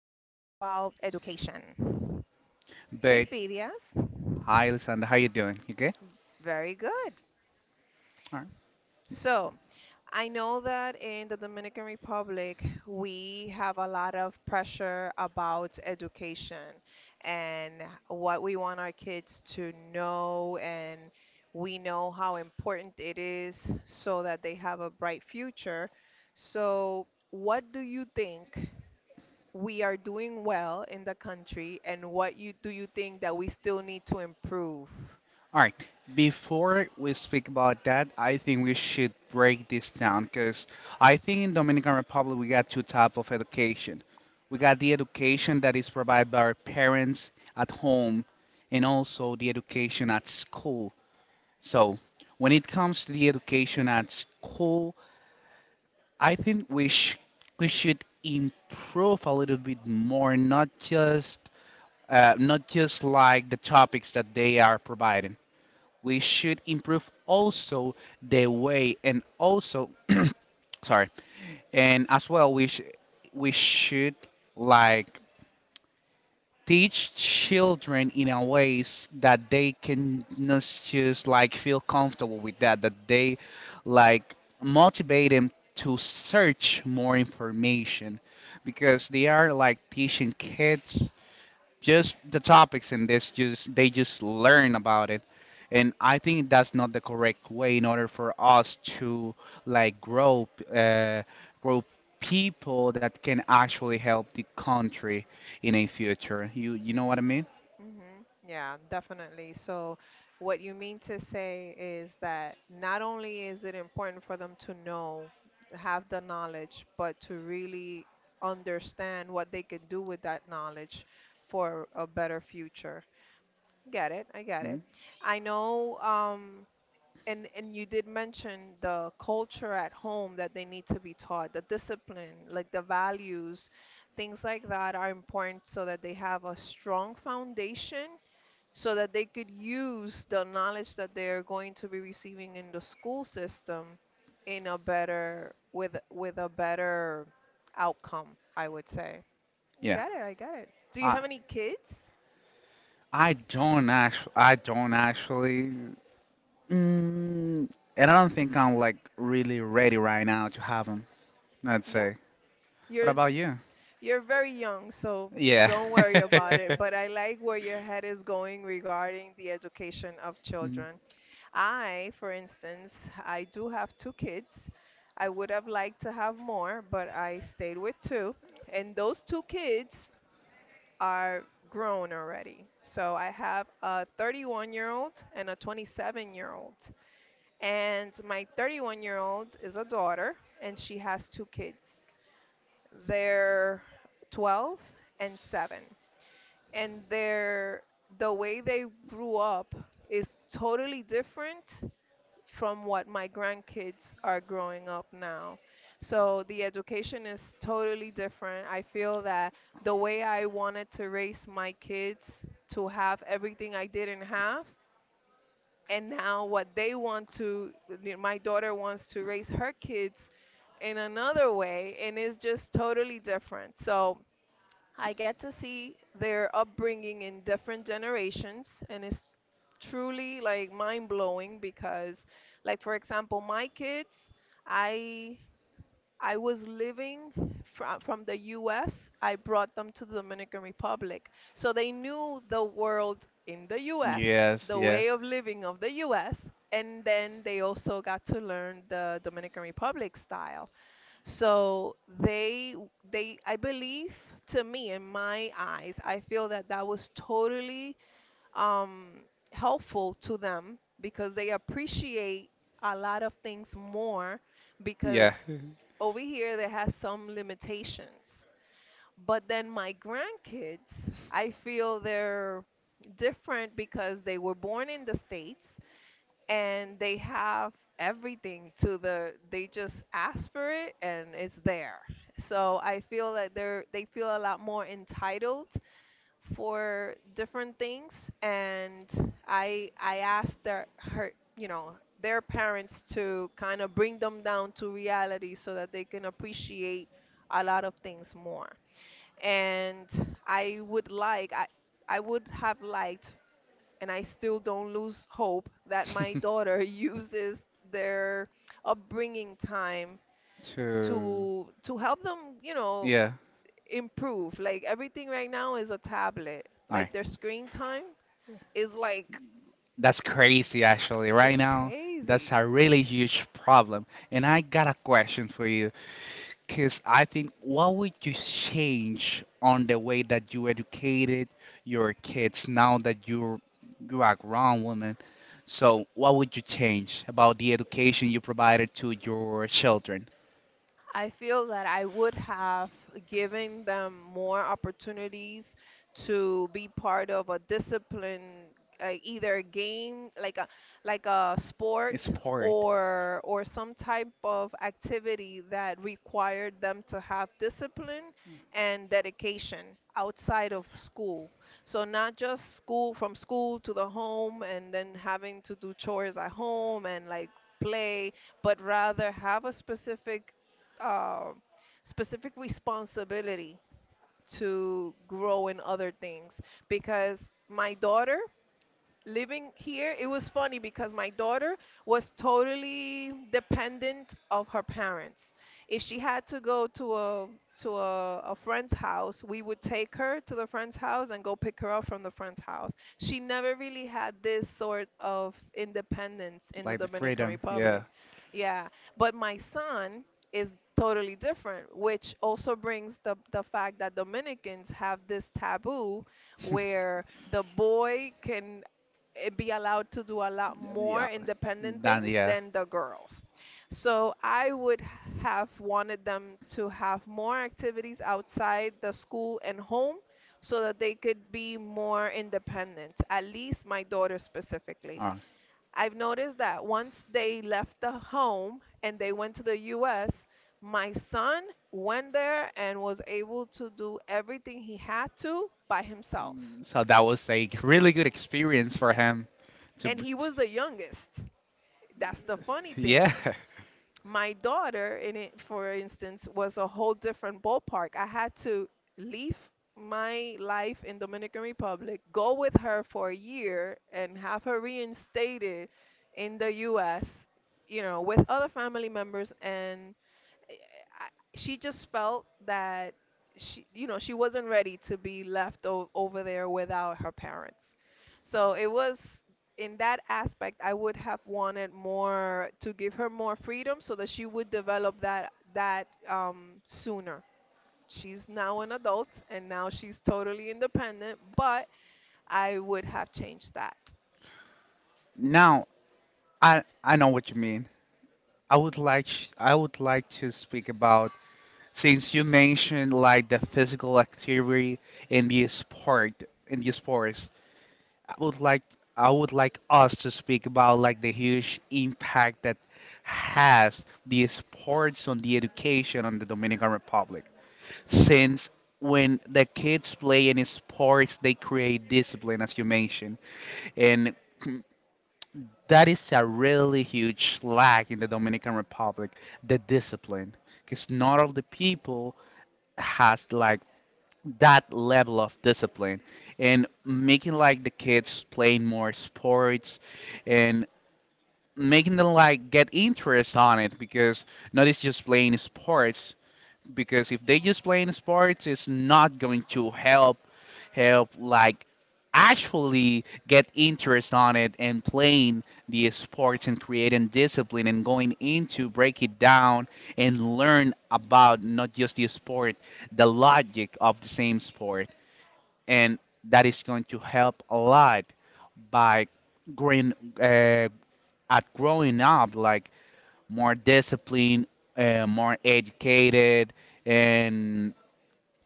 about education. Hey, But Fidias. hi, Alessandra, how you doing? You good? Very good. All right. So, I know that in the Dominican Republic, we have a lot of pressure about education and what we want our kids to know, and we know how important it is so that they have a bright future. So, what do you think we are doing well in the country, and do you think that we still need to improve? All right. Before we speak about that, I think we should break this down because I think in Dominican Republic we got two type of education. We got the education that is provided by our parents at home, and also the education at school. So when it comes to the education at school, I think we should improve a little bit more, not just not just like the topics that they are providing. We should improve also the way and also sorry and as well we should like teach children in a ways that they can not just like feel comfortable with that they like motivate them to search more information because they are like teaching kids just the topics and this just they just learn about it, and I think that's not the correct way in order for us to like grow, uh, grow people that can actually help the country in a future. You Mhm. know what I mean? Mhm. Yeah, definitely. So, what you mean to say is that not only is it important for them to know, have the knowledge, but to really understand what they can do with that knowledge for a better future. Get it? I get Mhm. it. I know. And you did mention the culture at home that they need to be taught, the discipline, like the values, things like that are important so that they have a strong foundation so that they could use the knowledge that they're going to be receiving in the school system in a better with a better outcome, I would say. Yeah, Got it, I got it. Do you i have any kids? I don't actually, I don't actually. And I don't think I'm like really ready right now to have them, let's Yeah. say. What You're about you? You're very young, so Yeah. don't worry about it. But I like where your head is going regarding the education of Mhm. children. I, for instance, I do have two kids. I would have liked to have more, but I stayed with two. And those two kids are grown already. So I have a 31-year-old and a 27-year-old. And my 31-year-old is a daughter, and she has two kids, they're 12 and 7, and they're, the way they grew up is totally different from what my grandkids are growing up now. So the education is totally different. I feel that the way I wanted to raise my kids, to have everything I didn't have, and now what they want to, my daughter wants to raise her kids in another way, and it's just totally different. So I get to see their upbringing in different generations, and it's truly like mind blowing because, like for example, my kids, I I was living from the U.S. I brought them to the Dominican Republic, so they knew the world in the U.S., Yes, the yeah. way of living of the U.S., and then they also got to learn the Dominican Republic style. So they I believe, to me in my eyes, I feel that that was totally um, helpful to them because they appreciate a lot of things more because Yeah. over here they have some limitations. But then my grandkids, I feel they're different because they were born in the States and they have everything to the they just ask for it and it's there. So I feel that they feel a lot more entitled for different things, and I asked their her you know their parents to kind of bring them down to reality so that they can appreciate a lot of things more. And i would like i I would have liked, and I still don't lose hope, that my daughter uses their upbringing time To to help them, you know, yeah. improve. Like everything right now is a tablet. All right. Like their screen time is like That's crazy actually. Right it's now, that's crazy. a really huge problem. And I got a question for you, cuz I think what would you change on the way that you educated your kids now that you're you are a grown woman? So, what would you change about the education you provided to your children? I feel that I would have given them more opportunities to be part of a discipline, either a game, like a, like a It's sport, part or some type of activity that required them to have discipline and dedication outside of school. So not just school from school to the home and then having to do chores at home and like play, but rather have a specific uh, specific responsibility to grow in other things, because my daughter, living here, it was funny because my daughter was totally dependent of her parents. If she had to go to a, to a, a friend's house, we would take her to the friend's house and go pick her up from the friend's house. She never really had this sort of independence in the like the Dominican freedom. Yeah. Republic. Yeah, but my son is totally different, which also brings the fact that Dominicans have this taboo where the boy can, be allowed to do a lot Yeah. more independent Then things yeah. than the girls. So I would have wanted them to have more activities outside the school and home so that they could be more independent, at least my daughter specifically. Oh, I've noticed that once they left the home and they went to the US, my son went there and was able to do everything he had to by himself. so that was a really good experience for him. To, And b- he was the youngest, that's the funny yeah. thing. My daughter, in it, for instance, was a whole different ballpark. I had to leave my life in Dominican Republic, go with her for a year, and have her reinstated in the U.S. You know, with other family members and I, she just felt that she, you know, she wasn't ready to be left over there without her parents. So it was, in that aspect, I would have wanted more to give her more freedom so that she would develop that sooner. She's now an adult and now she's totally independent, but I would have changed that. Now I know what you mean. I would like sh- I would like to speak about, since you mentioned like the physical activity in the sport in the sports. I would like I would like us to speak about like the huge impact that has the sports on the education on the Dominican Republic. Since when the kids play any sports they create discipline, as you mentioned, and that is a really huge lack in the Dominican Republic, the discipline, because not all the people has like that level of discipline. And making like the kids playing more sports and making them like get interest on it, because not it's just playing sports, because if they just playing sports, it's not going to help help like actually get interest on it and playing the sports and creating discipline and going into break it down and learn about not just the sport, the logic of the same sport, and that is going to help a lot by growing, uh, at growing up like more disciplined, more educated, and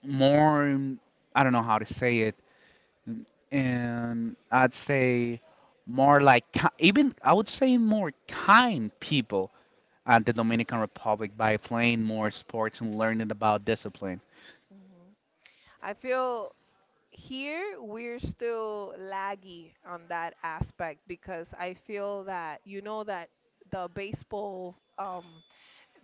more I don't know how to say it, um, and I'd say more like ki- even I would say more kind people at the Dominican Republic by playing more sports and learning about discipline. Mhm. I feel here we're still laggy on that aspect because I feel that, you know, that the baseball,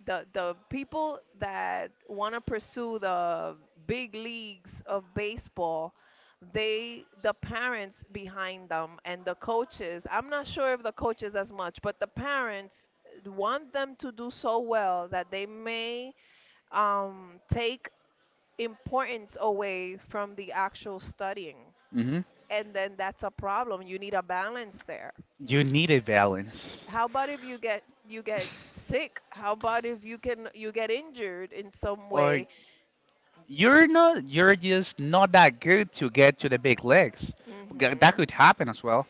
the people that want to pursue the big leagues of baseball, they, the parents behind them and the coaches, I'm not sure if the coaches as much, but the parents want them to do so well that they may take importance away from the actual studying, Hmm. and then that's a problem. You need a balance there. You need a balance, How about if you get, you get sick? How about if you can, you get injured in some or way? you're not, you're just not that good to get to the big leagues. G- That Hmm, could happen as well.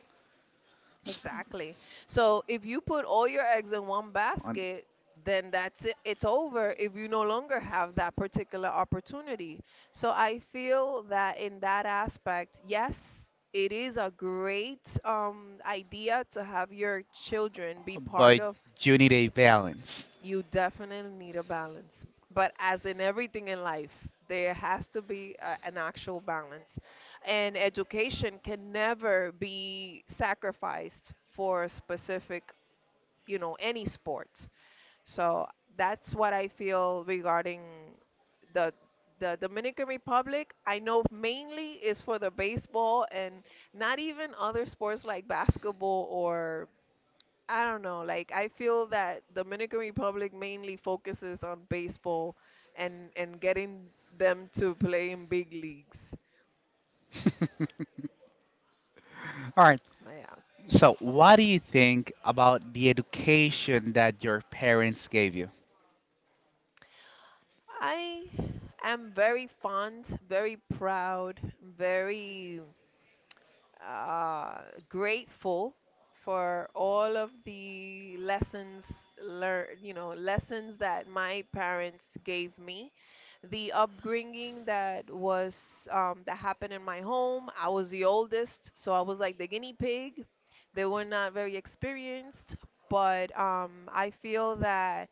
S- exactly. So if you put all your eggs in one on- basket, then that's it, it's over, if you no longer have that particular opportunity. So I feel that in that aspect, yes, it is a great idea to have your children be part But of. you need a balance. You definitely need a balance. But as in everything in life, there has to be a, an actual balance. And education can never be sacrificed for a specific, you know, any sport. So that's what I feel regarding the the Dominican Republic. I know mainly is for the baseball and not even other sports like basketball or, I don't know. Like I feel that Dominican Republic mainly focuses on baseball, and getting them to play in big leagues. All right. Yeah. So, what do you think about the education that your parents gave you? I am very fond, very proud, very uh, grateful for all of the lessons learned, you know, lessons that my parents gave me. The upbringing that was that happened in my home. I was the oldest, so I was like the guinea pig. They were not very experienced, but I feel that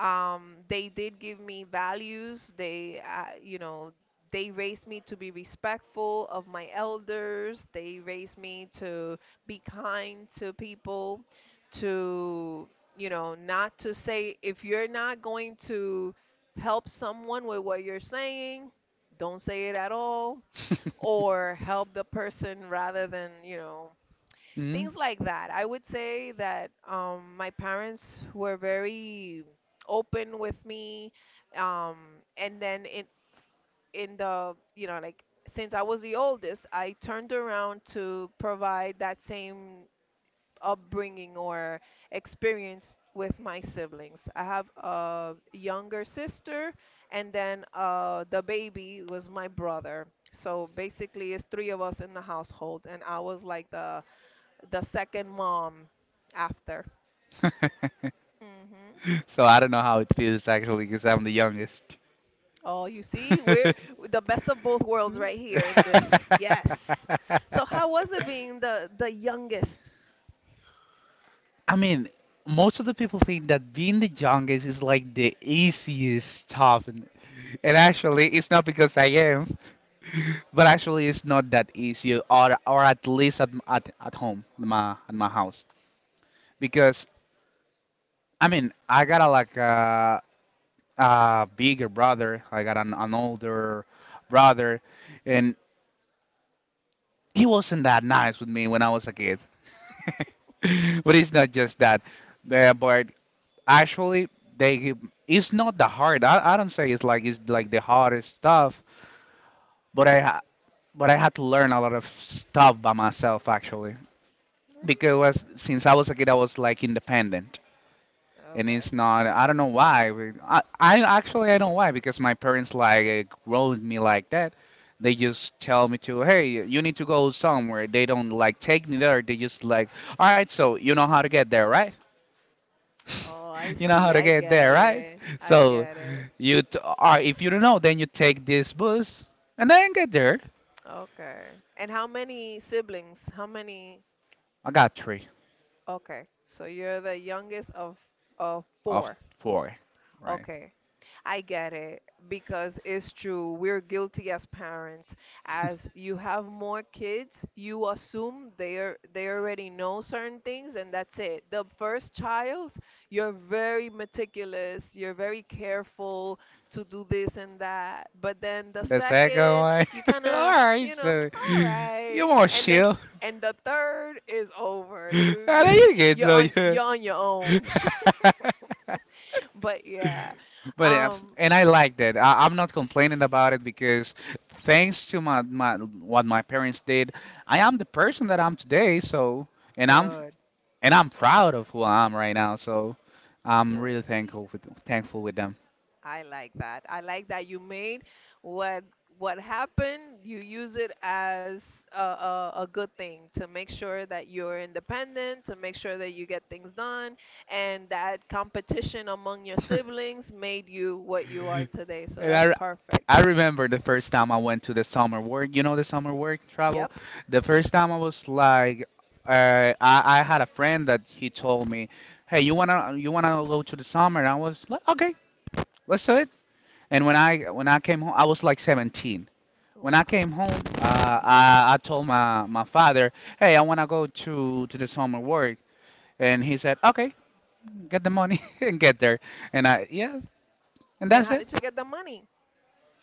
they did give me values. They, you know, they raised me to be respectful of my elders. They raised me to be kind to people, to, you know, not to say, if you're not going to help someone with what you're saying, don't say it at all, or help the person rather than, you know, Hmm? things like that. I would say that my parents were very open with me, and then in the you know like since I was the oldest, I turned around to provide that same upbringing or experience with my siblings. I have a younger sister, and then the baby was my brother. So basically, it's three of us in the household, and I was like the second mom after. Mm-hmm. So, I don't know how it feels actually because I'm the youngest. Oh, you see, we're the best of both worlds right here in this. Yes. So how was it being the youngest? I mean, most of the people think that being the youngest is like the easiest stuff, and actually, it's not because I am, but actually, it's not that easy, or at least at m- at home, my at my house, because I mean, I got a, like a bigger brother. I got an older brother, and he wasn't that nice with me when I was a kid. But it's not just that. But actually, they give, it's not the hard. I don't say it's like the hardest stuff. But I ha- but I had to learn a lot of stuff by myself actually because Really? since I was a kid, I was like independent. And Okay. it's not, I don't know why but I actually I don't know why because my parents like rolled me like that. They just tell me to hey you need to go somewhere, they don't like take me there, they just like all right, so you know how to get there right? Oh, I You know see. how to I get get there right? it. I So get it. you t- or if you don't know then you take this bus and then get there. Okay. And how many siblings? How many? I got three. Okay. So you're the youngest of Of four. four, right. Okay. I get it, because it's true. We're guilty as parents. As you have more kids, you assume they are, they already know certain things and that's it. The first child, you're very meticulous, you're very careful to do this and that. But then the The second second, one. you kind All of, right you know, so all right. you more And then, chill. and the third is over. You How do you get so you? you're on your own. But yeah. But yeah, Um and I like that. I, I'm not complaining about it because thanks to my, my what my parents did, I am the person that I'm today. So and I'm good, and I'm proud of who I am right now. So I'm really great. Thankful with them. I like that. I like that you made what what happened, you use it as a good thing to make sure that you're independent, to make sure that you get things done, and that competition among your siblings made you what you are today. So And that's I perfect. remember the first time I went to the summer work. You know the summer work travel. Yep. The first time I was like, I had a friend that he told me, hey, you wanna go to the summer? And I was like, okay, let's do it. And when I came home, I was like 17. When Wow. I came home, I told my my father, hey, I wanna go to the summer work, and he said, okay, get the money and get there. And I yeah, and And that's how it. did you get the money?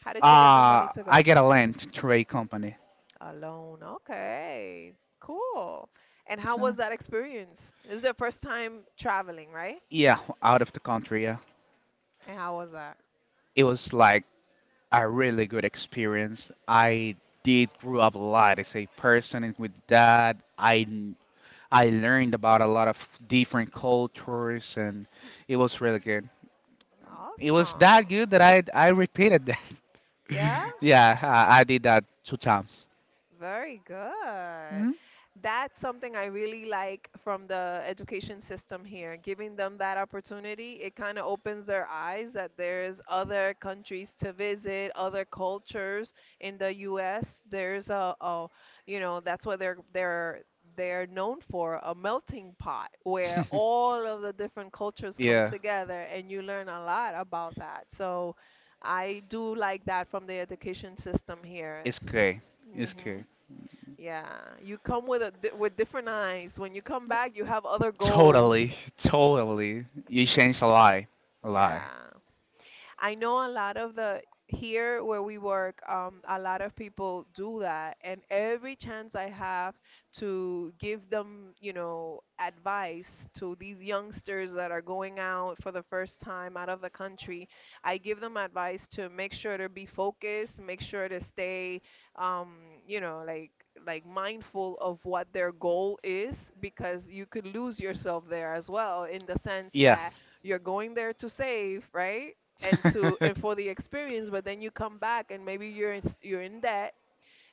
How did you get the money to I go? get a land trade company. A loan. Okay. Cool. And how So. was that experience? This is your first time traveling, right? Yeah, out of the country, yeah. And how was that? It was like a really good experience. I did grow up a lot as a person and with that. I learned about a lot of different cultures and it was really good. It was that Awesome. good that I repeated that. Yeah. Yeah, I did that two times. Very good. Hmm. That's something I really like from the education system here, giving them that opportunity. It kind of opens their eyes that there's other countries to visit, other cultures in the US. There's a that's what they're known for, a melting pot where all of the different cultures come Yeah, together and you learn a lot about that. So I do like that from the education system here. it's good. It's hmm good. yeah, you come with with different eyes. When you come back, you have other goals. Totally, totally. You changed a lot, a lot. Yeah, I know a lot of the here where we work, a lot of people do that, and every chance I have to give them, you know, advice to these youngsters that are going out for the first time out of the country, I give them advice to make sure to be focused, make sure to stay, um, you know, like mindful of what their goal is, because you could lose yourself there as well in the sense Yeah. that you're going there to save, right? And to, and for the experience, but then you come back and maybe you're in debt,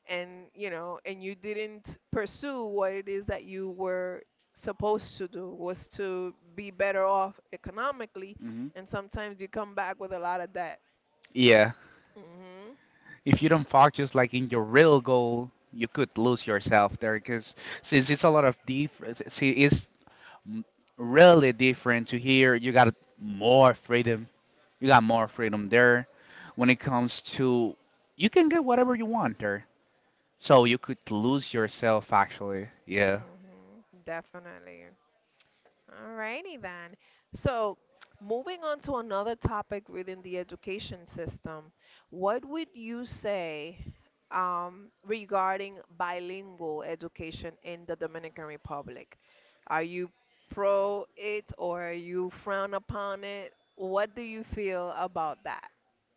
and you know, and you didn't pursue what it is that you were supposed to do, was to be better off economically, Hmm. and sometimes you come back with a lot of debt. Yeah. Mhm. If you don't focus like in your real goal, you could lose yourself there because since it's a lot of different, see, it's m- really different to here. You got more freedom. You got more freedom there. When it comes to, you can get whatever you want there. So you could lose yourself actually. Yeah. Yeah. Mhm, definitely. Alrighty then. So, moving on to another topic within the education system, what would you say, regarding bilingual education in the Dominican Republic? Are you pro it or you frown upon it? What do you feel about that?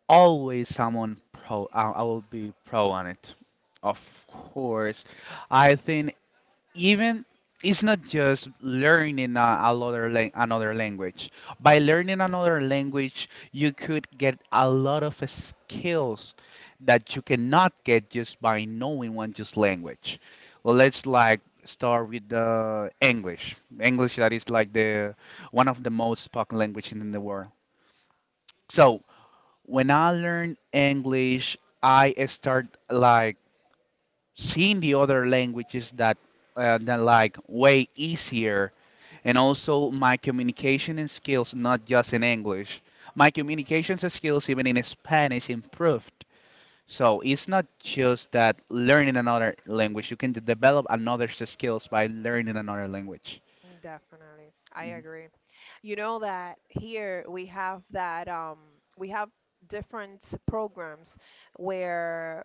Always someone pro. I will be pro on it. Of course. I think even it's not just learning a, another lang- another language. By learning another language, you could get a lot of skills that you cannot get just by knowing one just language. Well, let's like start with the English. English that is like the one of the most spoken language in the world. So when I learned English, I start like seeing the other languages that that like way easier, and also my communication and skills not just in English, my communications and skills even in Spanish improved. So it's not just that learning another language, you can develop another skills by learning another language. Definitely. I Mhm. agree. You know that here we have that, we have different programs where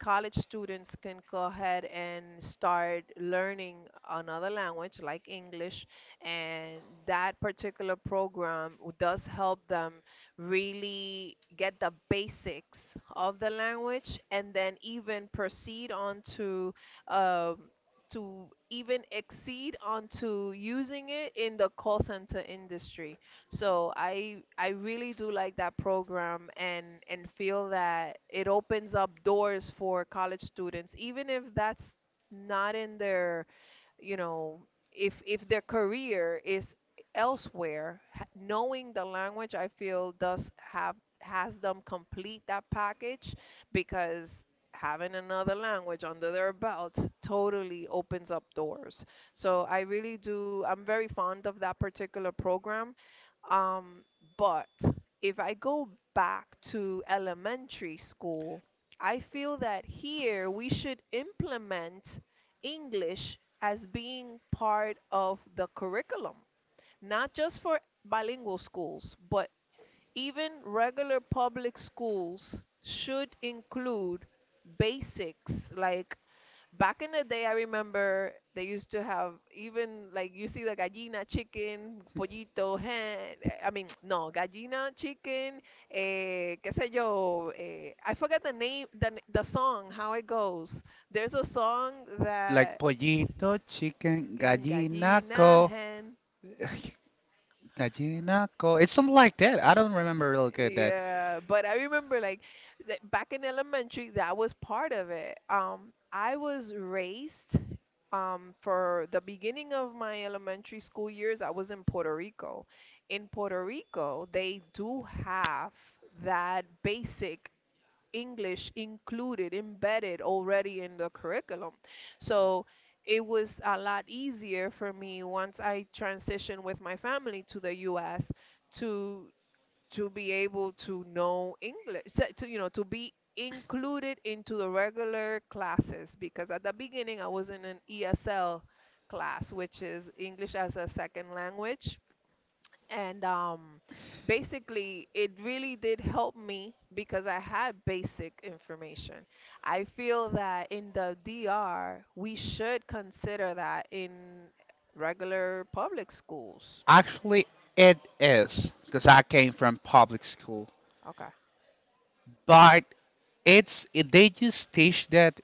college students can go ahead and start learning another language like English, and that particular does help them really get the basics of the language and then even proceed on to, um, to even exceed onto using it in the call center industry. So I really do like that program, and feel that it opens up doors for college students, even if that's not in their, you know, if their career is elsewhere, knowing the language, I feel, does have, has them complete that package, because having another language under their belt totally opens up doors. So I really do. I'm very fond of that particular program, um, but if I go back to elementary school, I feel that here we should implement English as being part of the curriculum, not just for bilingual schools, but even regular public schools should include basics like. Back in the day, I remember they used to have, even like, you see the gallina, chicken, pollito, hen. Eh, I mean, no, gallina, chicken, eh, qué sé yo. Eh, I forget the name, the song, how it goes. There's a song Like that pollito chicken chicken, gallina, gallinaco. hen. Gallinaco, it's something like that, I don't remember real good that. Yeah, but I remember like that back in elementary, that was part of it. I was raised, for the beginning of my elementary school years, I was in Puerto Rico. In Puerto Rico, they do have that basic English included, embedded already in the curriculum. So it was a lot easier for me once I transitioned with my family to the US to to be able to know English, to, you know, to be included into the regular classes, because at the beginning I was in an ESL class, which is English as a second language, and basically, it really did help me because I had basic information. I feel that in the DR, we should consider that in regular public schools. Actually, it is because I came from public school, Okay. but it's it, they just teach that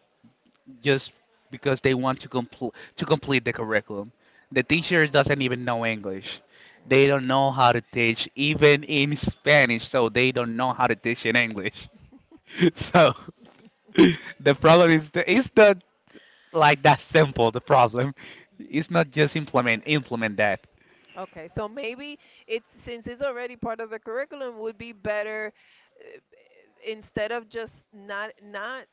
just because they want to complete the curriculum. The teachers doesn't Oh. even know English. They don't know how to teach even in Spanish, so they don't know how to teach in English. Mm. So the problem is the, it's not like that simple. The problem it's not Damn. just implement implement that. Okay, so maybe it's, since it's already part of the curriculum, would be better, uh, instead of just not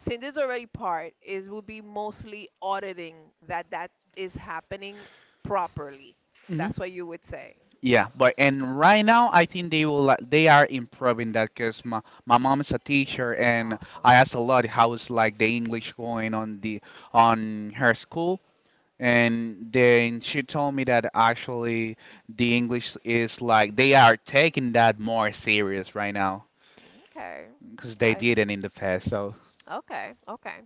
since it's already part, is would be mostly auditing that that is happening properly. That's what you would say. Yeah, but and right now I think they will like, they are improving that because my mom is a teacher and Awesome. I asked a lot how's like the English going on the on her school, and then she told me that actually the English is like they are taking that more serious right now Okay. because they I. didn't in the past so. Okay, okay.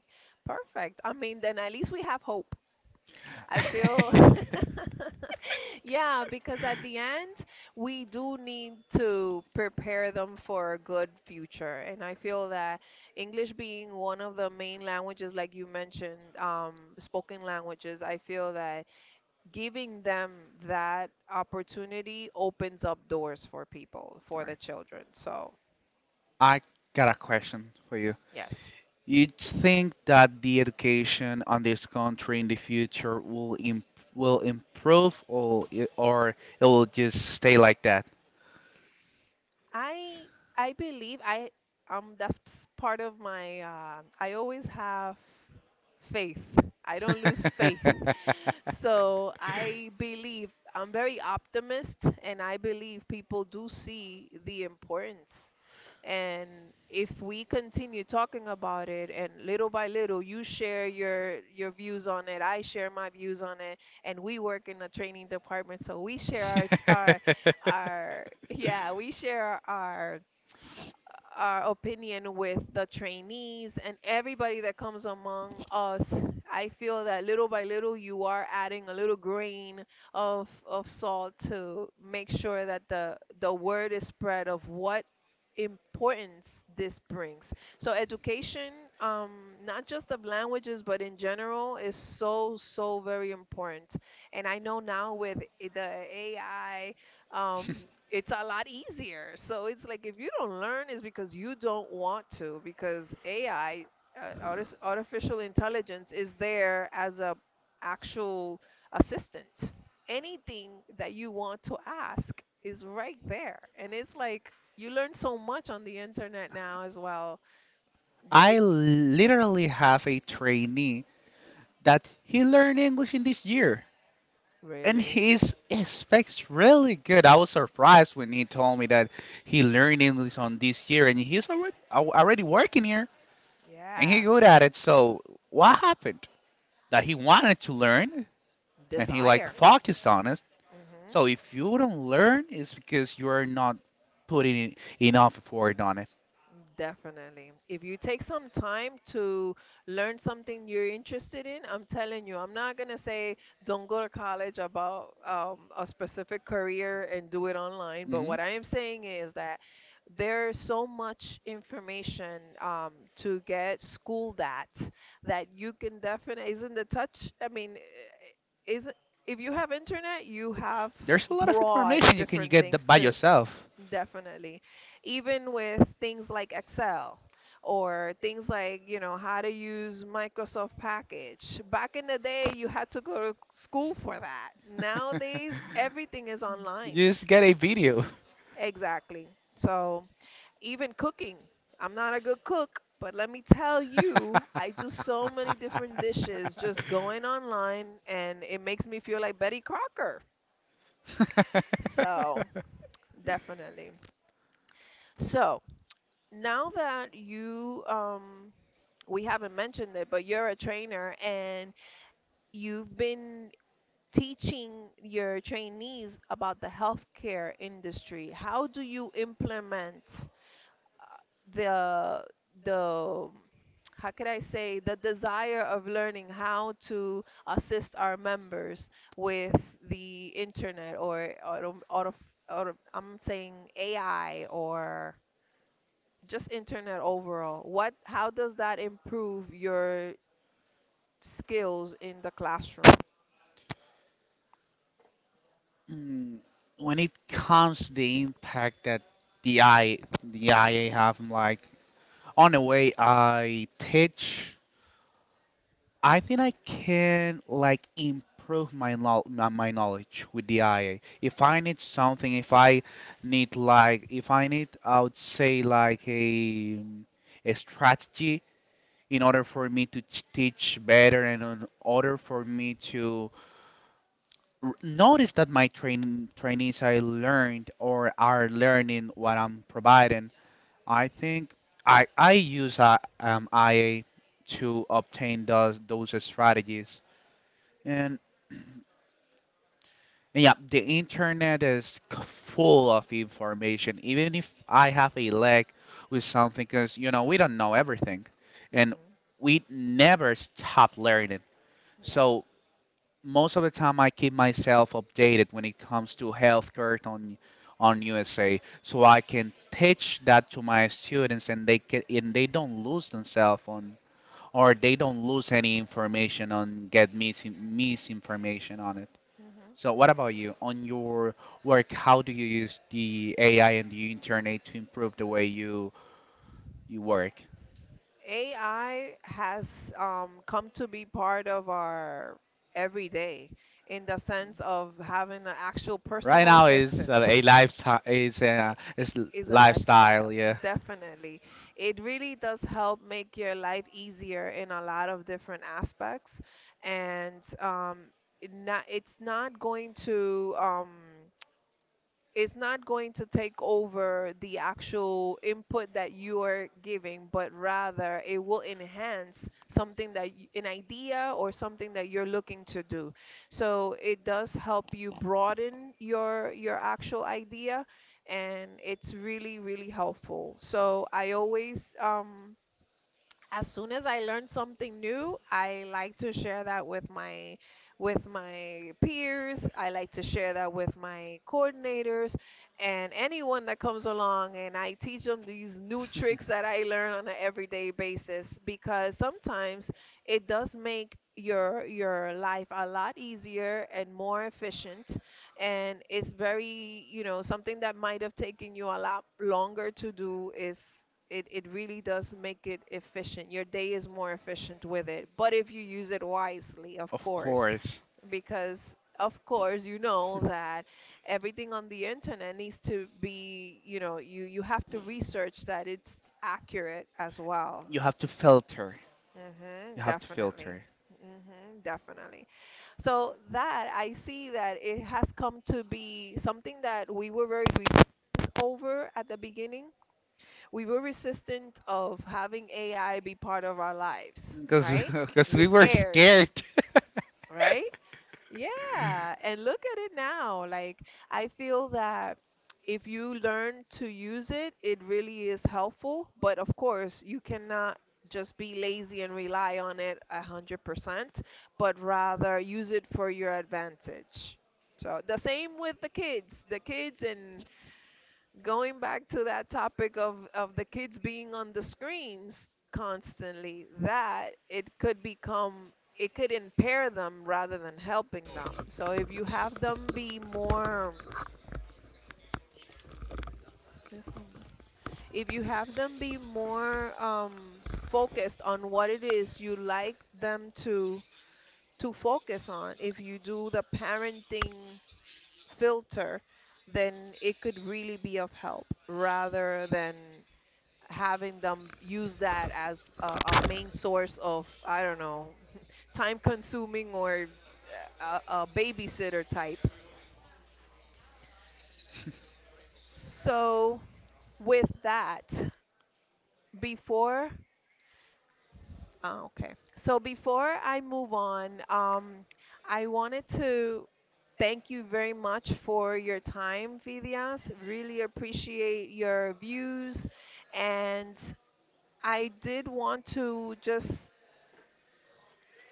Perfect. I mean, then at least we have hope. I feel, All yeah, because at the end, we do need to prepare them for a good future. And I feel that English being one of the main languages, like you mentioned, spoken languages, I feel that giving them that opportunity opens up doors for people, for the right. children. So, I got a question for you. yes. You'd think that the education on this country in the future will im- will improve, or it will just stay like that. I I believe I, that's part of my I always have faith. I don't lose faith. So I believe I'm very optimist, and I believe people do see the importance. And if we continue talking about it, and little by little, you share your views on it, I share my views on it, and we work in the training department, so we share our our, yeah, we share our opinion with the trainees and everybody that comes among us. I feel that little by little you are adding a little grain of salt to make sure that the word is spread of what importance this brings. So education, um not just of languages, but in general, is so so very important. And I know now with the AI, um, it's a lot easier. So it's like if you don't learn, it's because you don't want to, because AI, artificial intelligence, is there as a actual assistant. Anything that you want to ask is right there, and it's like you learn so much on the internet now as well. I It, literally have a trainee that he learned English in this year. And really, he's he speaks really good. I was surprised when he told me that he learned English on this year, and he's already al- already working here, and he yeah, good at it. So what happened? That he wanted to learn, and he like desire. focused on it. So Hmm. if you don't learn, it's because you're not putting in enough effort on it. Definitely. If you take some time to learn something you're interested in, I'm telling you, I'm not gonna say don't go to college about, a specific career, and do it online. But Hmm. what I am saying is that there's so much information, to get schooled at, that you can definitely isn't the touch. I mean, isn't, if you have internet, you have There's a lot of broad information you can different get th- things by to. yourself. Definitely. Even with things like Excel or things like, you know, how to use Microsoft Package. Back in the day, you had to go to school for that. Nowadays, everything is You online. just get S- a video. Exactly. So, even cooking. I'm not a good cook, but let me tell you, I do so many different dishes just going online, and it makes me feel like Betty Crocker. So, definitely. So, now that you we haven't mentioned it, but you're a trainer, and you've been teaching your trainees about the healthcare industry, how do you implement, uh, the the, how could I say, the desire of learning how to assist our members with the internet or auto, auto, auto I'm saying AI, or just internet overall, what, how does that improve your skills in the classroom? Mm, when it comes to the impact that the I the AI have I'm like on the way I teach, I think I can like improve my know- my knowledge with the AI. If I need something, if I need like if I need I would say like a strategy in order for me to ch- teach better and in order for me to r- notice that my train trainees I learned or are learning what I'm providing. I think I use AI to obtain those strategies. And yeah, the internet is c- full of information. Even if I have a lag with something, because you know we don't know everything, and Hmm. we never stop learning. Yeah. So most of the time I keep myself updated when it comes to healthcare on USA, so I can teach that to my students, and they can, and they don't lose themselves on or they don't lose any information on get mis- misinformation on it. Hmm. So what about you? On your work, how do you use the AI and the internet to improve the way you you work? AI has, come to be part of our everyday in the sense of having an actual Right personal now is assistant. A lifestyle, is a is l- Is a lifestyle, lifestyle, yeah. definitely. It really does help make your life easier in a lot of different aspects, and it not, it's not going to, it's not going to take over the actual input that you are giving, but rather it will enhance something that y an idea or something that you're looking to do. So it does help you broaden your actual idea, and it's really, really helpful. So I always, as soon as I learn something new, I like to share that with my peers. I like to share that with my coordinators and anyone that comes along, and I teach them these new tricks that I learn on an everyday basis, because sometimes it does make your life a lot easier and more efficient, and it's very, you know, something that might have taken you a lot longer to do is, it really does make it efficient. Your day is more efficient with it. But if you use it wisely, of Of course, course. because, of course, you know that everything on the internet needs to be, you know, you have to research that it's accurate as well. You have to filter. You Mhm, have to definitely. filter Mhm, definitely. So that I see that it has come to be something that we were very resistant over at the beginning, we were resistant of having AI be part of our lives, because right? because We're we were scared, scared. right? Yeah, and look at it now. Like, I feel that if you learn to use it, it really is helpful, but of course, you cannot just be lazy and rely on it a 100%, but rather use it for your advantage. So the same with the kids. The kids and going back to that topic of the kids being on the screens constantly, that it could become, it could impair them rather than helping them. So if you have them be more, there's some- if you have them be more, focused on what it is you like them to focus on, if you do the parenting filter, then it could really be of help rather than having them use that as a main source of, I don't know, time consuming, or a babysitter type. So with that, before, oh, okay, so before I move on, I wanted to thank you very much for your time, Vidias. Really appreciate your views, and I did want to just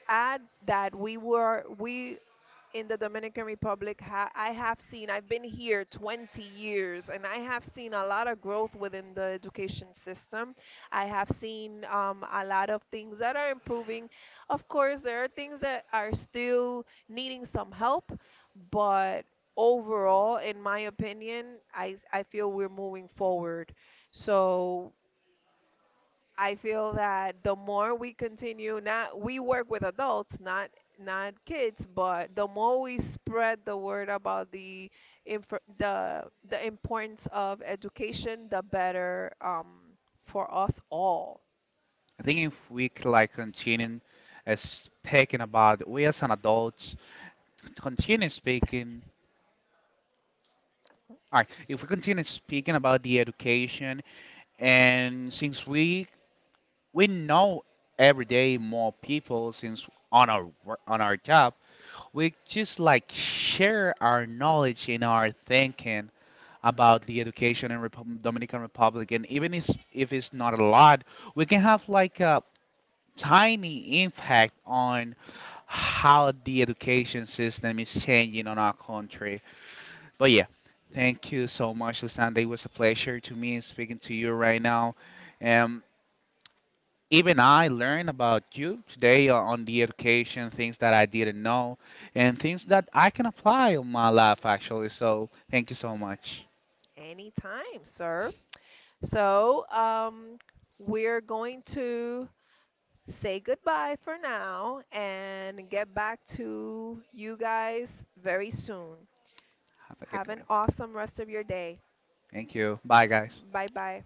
add that we were we in the Dominican Republic, I have seen, I've been here 20 years, and I have seen a lot of growth within the education system. I have seen, a lot of things that are improving. Of course, there are things that are still needing some help, but overall, in my opinion, I feel we're moving forward. So I feel that the more we continue, not, we work with adults, not not kids, but the more we spread the word about the infor- the the importance of education, the better, for us all. I think if we c- like continue speaking about we as an adults continue speaking. All right, if we continue speaking about the education and since we know every day more people since on our wor- on our job, we just like share our knowledge and our thinking about the education in Repub- Dominican Republic, and even if it's not a lot, we can have like a tiny impact on how the education system is changing on our country. But yeah, thank you so much, Lisanda. It was a pleasure to me speaking to you right now. Um, Even I learned about you today on the education, things that I didn't know, and things that I can apply on my life actually. So thank you so much. Anytime, sir. So, we're going to say goodbye for now and get back to you guys very soon. Have a good Have an one. awesome rest of your day. Thank you. Bye, guys. Bye bye.